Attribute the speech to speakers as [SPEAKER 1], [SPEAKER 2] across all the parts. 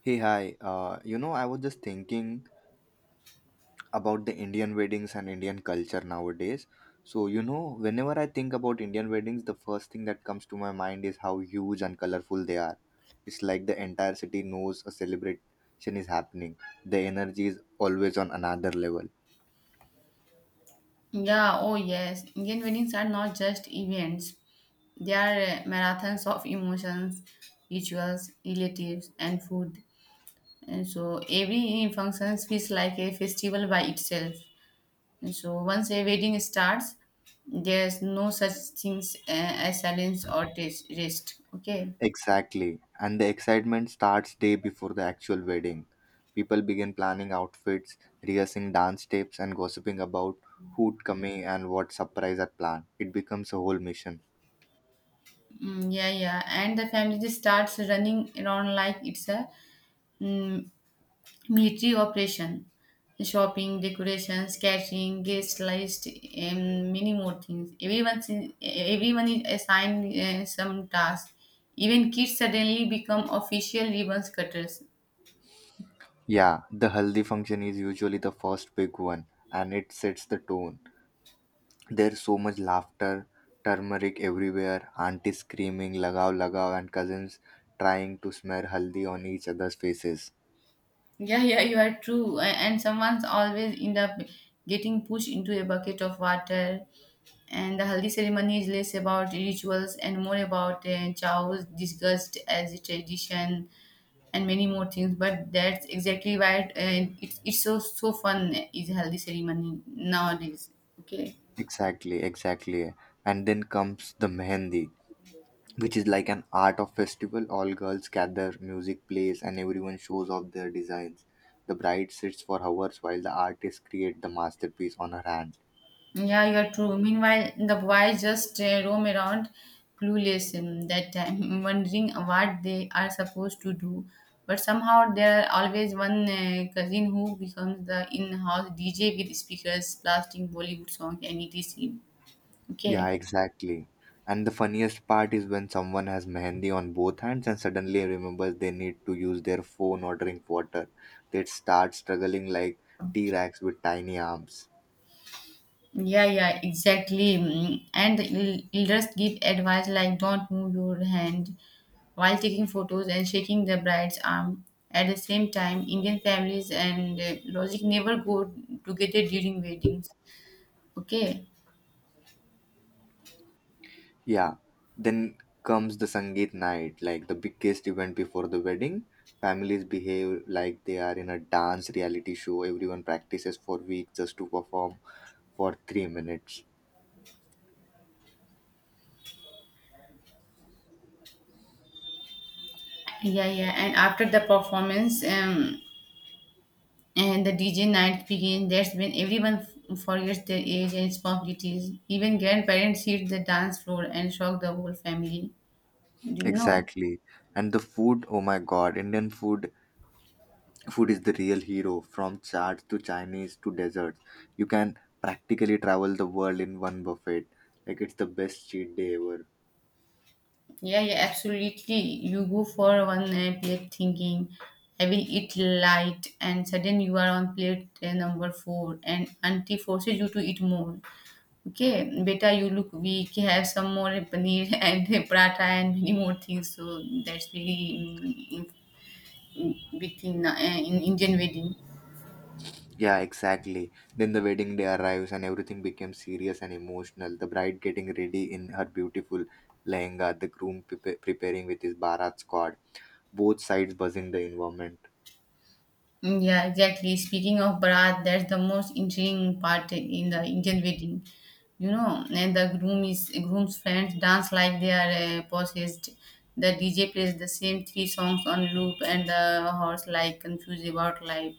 [SPEAKER 1] Hey, hi. I was just thinking about the Indian weddings and Indian culture nowadays. So, you know, whenever I think about Indian weddings, the first thing that comes to my mind is how huge and colorful they are. It's like the entire city knows a celebration is happening. The energy is always on another level.
[SPEAKER 2] Yeah, oh yes. Indian weddings are not just events. They are marathons of emotions, rituals, relatives, and food. And so every function feels like a festival by itself. And so once a wedding starts, there's no such things as silence or rest. Okay.
[SPEAKER 1] Exactly. And the excitement starts day before the actual wedding. People begin planning outfits, rehearsing dance steps, and gossiping about who'd coming and what surprise are planned. It becomes a whole mission.
[SPEAKER 2] Yeah, yeah. And the family just starts running around like it's a mm military operation, shopping, decorations, catering, guest list, and many more things. Everyone is assigned some task. Even kids suddenly become official ribbon cutters.
[SPEAKER 1] Yeah, the haldi function is usually the first big one, and it sets the tone. There's so much laughter, turmeric everywhere, aunties screaming lagao lagao, and cousins trying to smear haldi on each other's faces.
[SPEAKER 2] Yeah, yeah, you are true. And someone's always end up getting pushed into a bucket of water. And the haldi ceremony is less about rituals and more about chow's disgust as a tradition and many more things. But that's exactly why it's so fun is haldi ceremony nowadays. Okay.
[SPEAKER 1] Exactly, exactly. And then comes the mehendi, which is like an art of festival. All girls gather, music plays, and everyone shows off their designs. The bride sits for hours while the artist create the masterpiece on her hand.
[SPEAKER 2] Yeah, you're true. Meanwhile, the boys just roam around clueless in that time, wondering what they are supposed to do. But somehow there are always one cousin who becomes the in-house DJ with speakers blasting Bollywood songs any day scene.
[SPEAKER 1] Yeah,
[SPEAKER 2] Okay.
[SPEAKER 1] exactly. And the funniest part is when someone has mehendi on both hands and suddenly remembers they need to use their phone or drink water, they start struggling like t-rex with tiny arms.
[SPEAKER 2] Yeah, yeah, exactly. And leaders give advice like don't move your hand while taking photos and shaking the bride's arm. At the same time, Indian families and logic never go together during weddings. Okay.
[SPEAKER 1] Yeah, then comes the Sangeet night, like the biggest event before the wedding. Families behave like they are in a dance reality show. Everyone practices for weeks just to perform for 3 minutes.
[SPEAKER 2] Yeah, yeah. And after the performance, and the DJ night begins, that's when everyone forgets their age and responsibilities. Even grandparents hit the dance floor and shock the whole family. Do you know?
[SPEAKER 1] Exactly. And the food, oh my god, Indian food is the real hero. From charts to Chinese to desserts. You can practically travel the world in one buffet. Like it's the best cheat day ever.
[SPEAKER 2] Yeah, yeah, absolutely. You go for one plate thinking, I will eat light, and suddenly you are on plate number four, and auntie forces you to eat more. Okay, beta, you look weak, have some more paneer and paratha and many more things. So that's really big thing in Indian wedding.
[SPEAKER 1] Yeah, exactly. Then the wedding day arrives and everything becomes serious and emotional. The bride getting ready in her beautiful lehenga, the groom preparing with his barat squad. Both sides buzzing the environment.
[SPEAKER 2] Yeah, exactly. Speaking of Bharat, that's the most intriguing part in the Indian wedding. You know, and the groom is groom's friends dance like they are possessed. The DJ plays the same three songs on loop, and the horse like confused about life.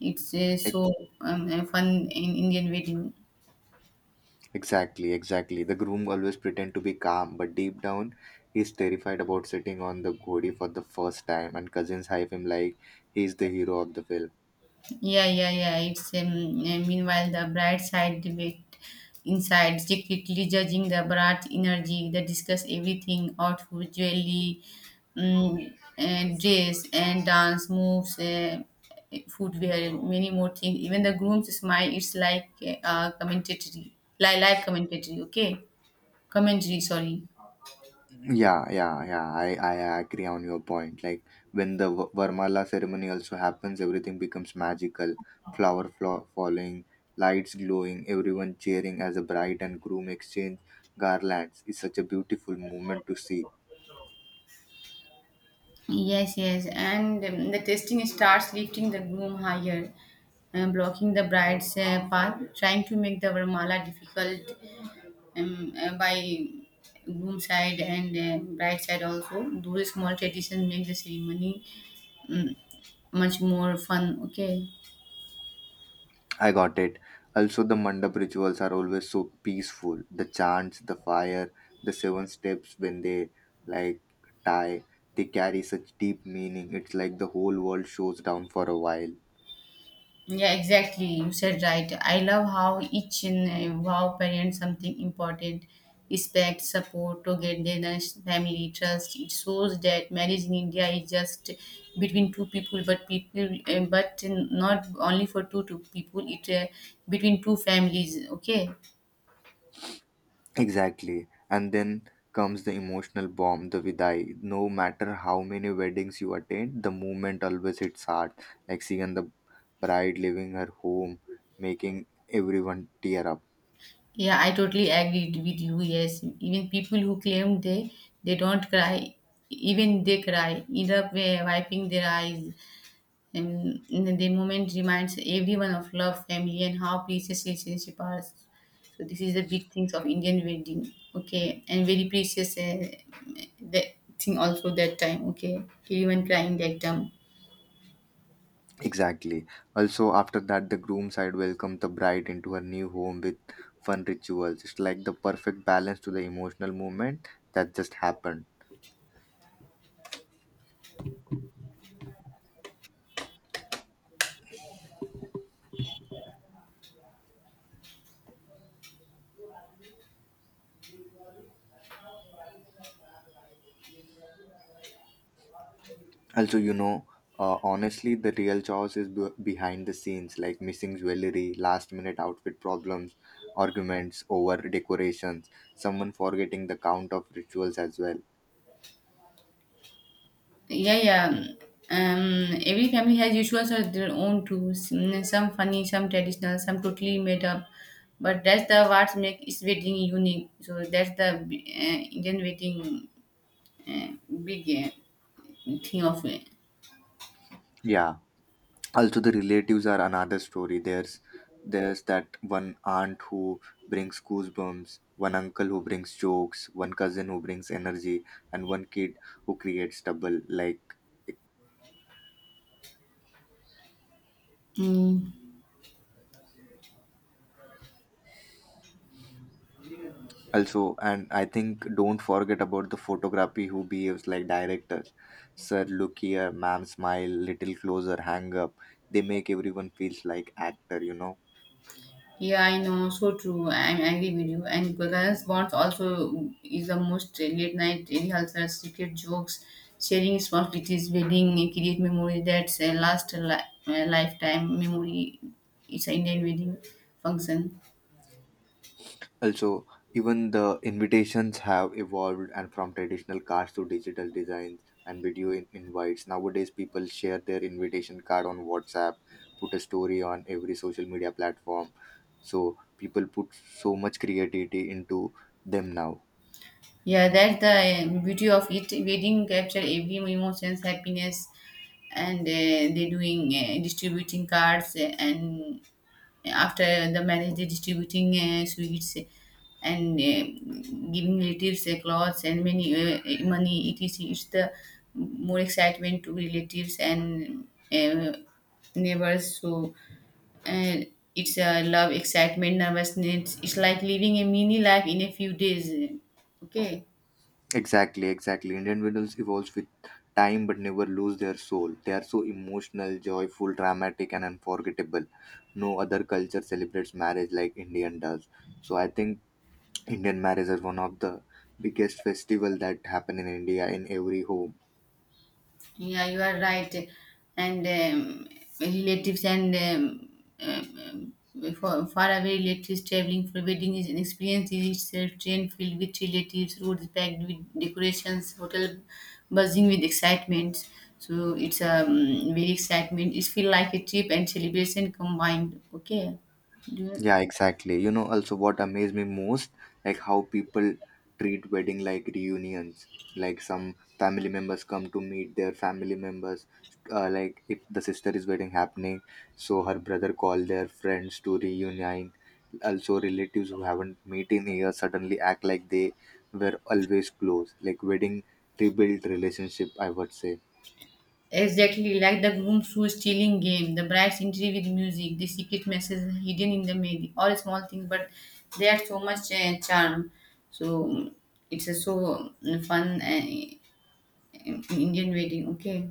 [SPEAKER 2] It's
[SPEAKER 1] E-
[SPEAKER 2] so fun in Indian wedding.
[SPEAKER 1] Exactly, exactly. The groom always pretend to be calm, but deep down, he's terrified about sitting on the ghodi for the first time. And cousins hype him like he's the hero of the film.
[SPEAKER 2] Yeah, yeah, yeah. It's meanwhile the bright side debate inside, secretly judging the brat energy. They discuss everything outfit, jewelry, um, and dress, and dance moves, footwear, many more things. Even the groom's smile. It's like commentary, like live commentary. Okay, commentary. Sorry.
[SPEAKER 1] Yeah, yeah, yeah. I agree on your point. Like when the Varmala ceremony also happens, everything becomes magical. Falling lights glowing, everyone cheering as the bride and groom exchange garlands. It's such a beautiful moment to see.
[SPEAKER 2] Yes, yes, and the testing starts lifting the groom higher, blocking the bride's path, trying to make the Varmala difficult by groom side and bride side also. Those small traditions make the ceremony um, much more fun. Okay.
[SPEAKER 1] I got it. Also, the mandap rituals are always so peaceful. The chants, the fire, the seven steps when they like tie, they carry such deep meaning. It's like the whole world shows down for a while.
[SPEAKER 2] Yeah, exactly. You said right. I love how each and wow parent something important, respect, support, togetherness, family, trust. It shows that marriage in India is just between two people, but not only for two people. It between two families. Okay.
[SPEAKER 1] Exactly. And then comes the emotional bomb, the vidai. No matter how many weddings you attend, the moment always hits hard. Like seeing the bride leaving her home, making everyone tear up.
[SPEAKER 2] Yeah, I totally agreed with you. Yes, even people who claim they don't cry, even they cry, end up wiping their eyes. And the moment reminds everyone of love, family, and how precious relationship are. So this is the big things of Indian wedding. Okay, and very precious the thing also that time. Okay, everyone crying that time.
[SPEAKER 1] Exactly. Also, after that, the groom side welcomes the bride into her new home with fun rituals. It's like the perfect balance to the emotional moment that just happened. Also, honestly, the real chores is behind the scenes, like missing jewelry, last minute outfit problems, arguments over decorations, someone forgetting the count of rituals as well.
[SPEAKER 2] Yeah, yeah. Every family has usuals or their own tools. Some funny, some traditional, some totally made up. But that's the what make its wedding unique. So that's the Indian wedding uh, big thing of it.
[SPEAKER 1] Yeah. Also, the relatives are another story. There's that one aunt who brings goosebumps, one uncle who brings jokes, one cousin who brings energy, and one kid who creates trouble. Like,
[SPEAKER 2] Mm.
[SPEAKER 1] also, and I think don't forget about the photography who behaves like directors. Sir, look here, ma'am, smile, little closer, hang up. They make everyone feels like actor, you know.
[SPEAKER 2] Yeah, I know, so true. I agree with you. And Gagan's Bonds also is the most late night rehearsals, secret jokes, sharing responsibilities, wedding, create memory that's a lifetime memory. It's an Indian wedding function.
[SPEAKER 1] Also, even the invitations have evolved and from traditional cards to digital designs and video invites. Nowadays, people share their invitation card on WhatsApp, put a story on every social media platform. So people put so much creativity into them now.
[SPEAKER 2] Yeah, that's the beauty of it. Wedding capture every emotions, happiness, and they doing distributing cards and after the marriage they distributing sweets and giving relatives clothes and many money. It's the more excitement to relatives and neighbors. So uh, it's a love, excitement, nervousness. It's like living a mini life in a few days. Okay.
[SPEAKER 1] Exactly, exactly. Indian Windows evolves with time but never lose their soul. They are so emotional, joyful, dramatic, and unforgettable. No other culture celebrates marriage like Indian does. So I think Indian marriages are one of the biggest festival that happen in India in every home.
[SPEAKER 2] Yeah, you are right. And relatives and um, for far away relatives traveling for wedding is an experience in itself. Train filled with relatives, roads packed with decorations, hotel buzzing with excitement. So it's very excitement. It feel like a trip and celebration combined. Okay. Do you-
[SPEAKER 1] Yeah, exactly. You know, also what amazed me most, like how people treat wedding like reunions. Like some family members come to meet their family members. Like if the sister is wedding happening, so her brother call their friends to reunite. Also, relatives who haven't met in years suddenly act like they were always close. Like wedding rebuild relationship, I would say.
[SPEAKER 2] Exactly, like the groom's shoe stealing game, the bride's entry with music, the secret message hidden in the melee, all small things, but they are so much charm. So it's a so fun Indian wedding. Okay.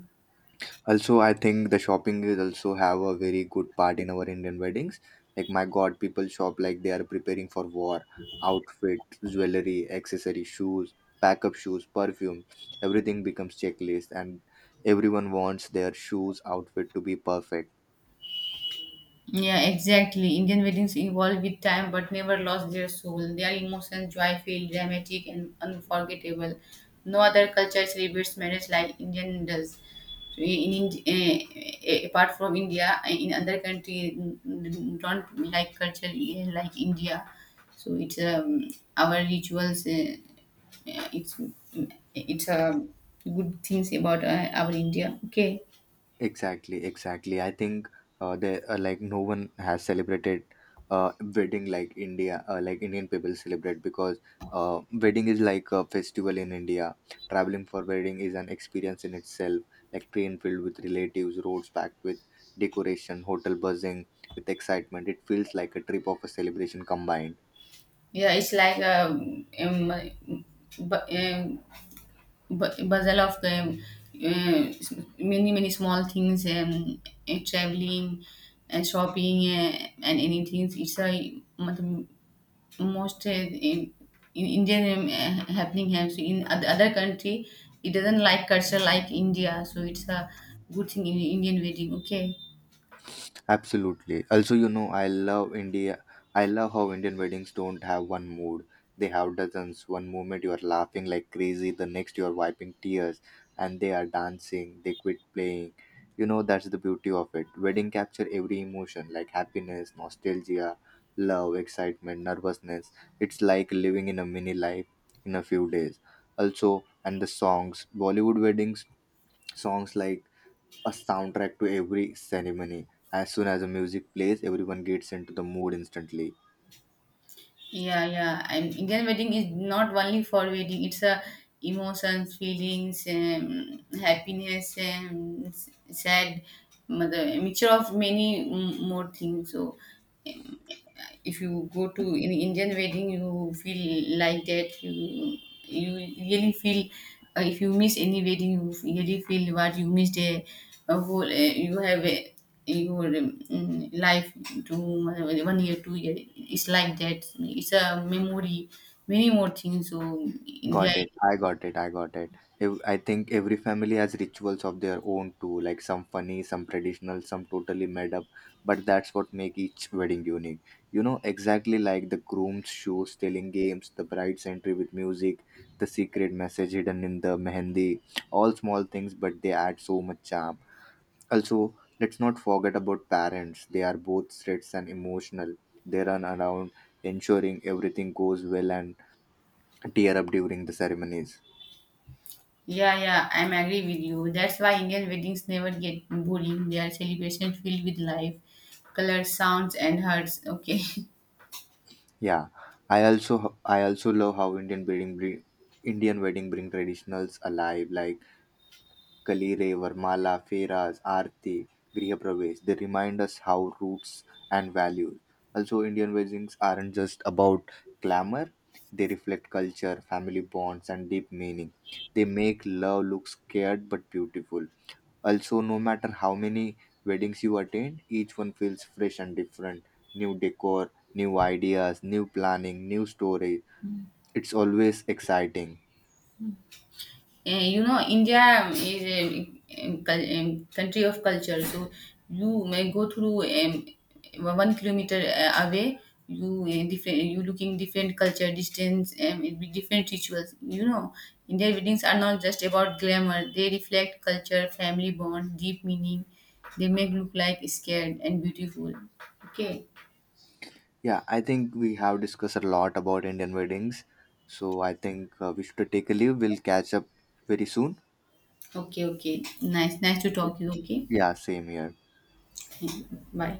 [SPEAKER 1] Also, I think the shopping is also have a very good part in our Indian weddings. Like my God, people shop like they are preparing for war. Outfit, jewelry, accessory, shoes, backup shoes, perfume, everything becomes checklist, and everyone wants their shoes outfit to be perfect.
[SPEAKER 2] Yeah, exactly. Indian weddings evolve with time but never lost their soul. Their emotions, joyful, dramatic, and unforgettable. No other culture celebrates marriage like Indian does. So, in apart from India, in other country don't like culture like India. So it's our rituals. It's eh, it's a good things about our India. Okay.
[SPEAKER 1] Exactly, exactly. I think they like no one has celebrated wedding like India, like Indian people celebrate because wedding is like a festival in India. Traveling for wedding is an experience in itself, like train filled with relatives, roads packed with decoration, hotel buzzing with excitement. It feels like a trip of a celebration combined.
[SPEAKER 2] Yeah, it's like a bu- um, puzzle of uh, many many small things traveling and shopping and anything. It's a matlab, most in Indian happening here. So in other country, it doesn't like culture like India. So it's a good thing in Indian wedding. Okay.
[SPEAKER 1] Absolutely. Also, you know, I love India. I love how Indian weddings don't have one mood. They have dozens. One moment you are laughing like crazy, the next you are wiping tears, and they are dancing, they quit playing. You know, that's the beauty of it. Wedding capture every emotion like happiness, nostalgia, love, excitement, nervousness. It's like living in a mini life in a few days. Also, and the songs, Bollywood weddings, songs like a soundtrack to every ceremony. As soon as the music plays, everyone gets into the mood instantly.
[SPEAKER 2] Yeah, yeah. And Indian wedding is not only for wedding. It's a emotions, feelings, happiness, sad, mother, a mixture of many more things. So if you go to in Indian wedding, you feel like that. You really feel if you miss any wedding, you really feel what you missed a whole. You have a your life to 1 year, 2 year. It's like that. It's a memory. Many more things. So India.
[SPEAKER 1] Got it. I got it. I got it. I think every family has rituals of their own too, like some funny, some traditional, some totally made up. But that's what make each wedding unique. You know, exactly like the groom's shoes, stealing games, the bride's entry with music, the secret message hidden in the mehendi. All small things, but they add so much charm. Also, let's not forget about parents. They are both strict and emotional. They run around ensuring everything goes well and tear up during the ceremonies.
[SPEAKER 2] Yeah, yeah, I'm agree with you. That's why Indian weddings never get boring. They are celebration filled with life, colors, sounds, and hearts. Okay.
[SPEAKER 1] Yeah, I also love how Indian wedding bring traditionals alive. Like Kalire, Varmala, Feras, Aarti, Griha Pravesh, they remind us how roots and values. Also, Indian weddings aren't just about glamour, they reflect culture, family bonds, and deep meaning. They make love look scared but beautiful. Also, no matter how many weddings you attend, each one feels fresh and different. New decor, new ideas, new planning, new story. It's always exciting.
[SPEAKER 2] You know, India is country of culture. So you may go through 1 kilometer away. You looking different culture, distance, it be different rituals. You know, Indian weddings are not just about glamour. They reflect culture, family bond, deep meaning. They make look like scared and beautiful. Okay,
[SPEAKER 1] Yeah, I think we have discussed a lot about Indian weddings. So I think we should take a leave. We'll catch up very soon.
[SPEAKER 2] okay. Nice, nice to talk you. Okay,
[SPEAKER 1] Yeah, same here.
[SPEAKER 2] thank you. Bye.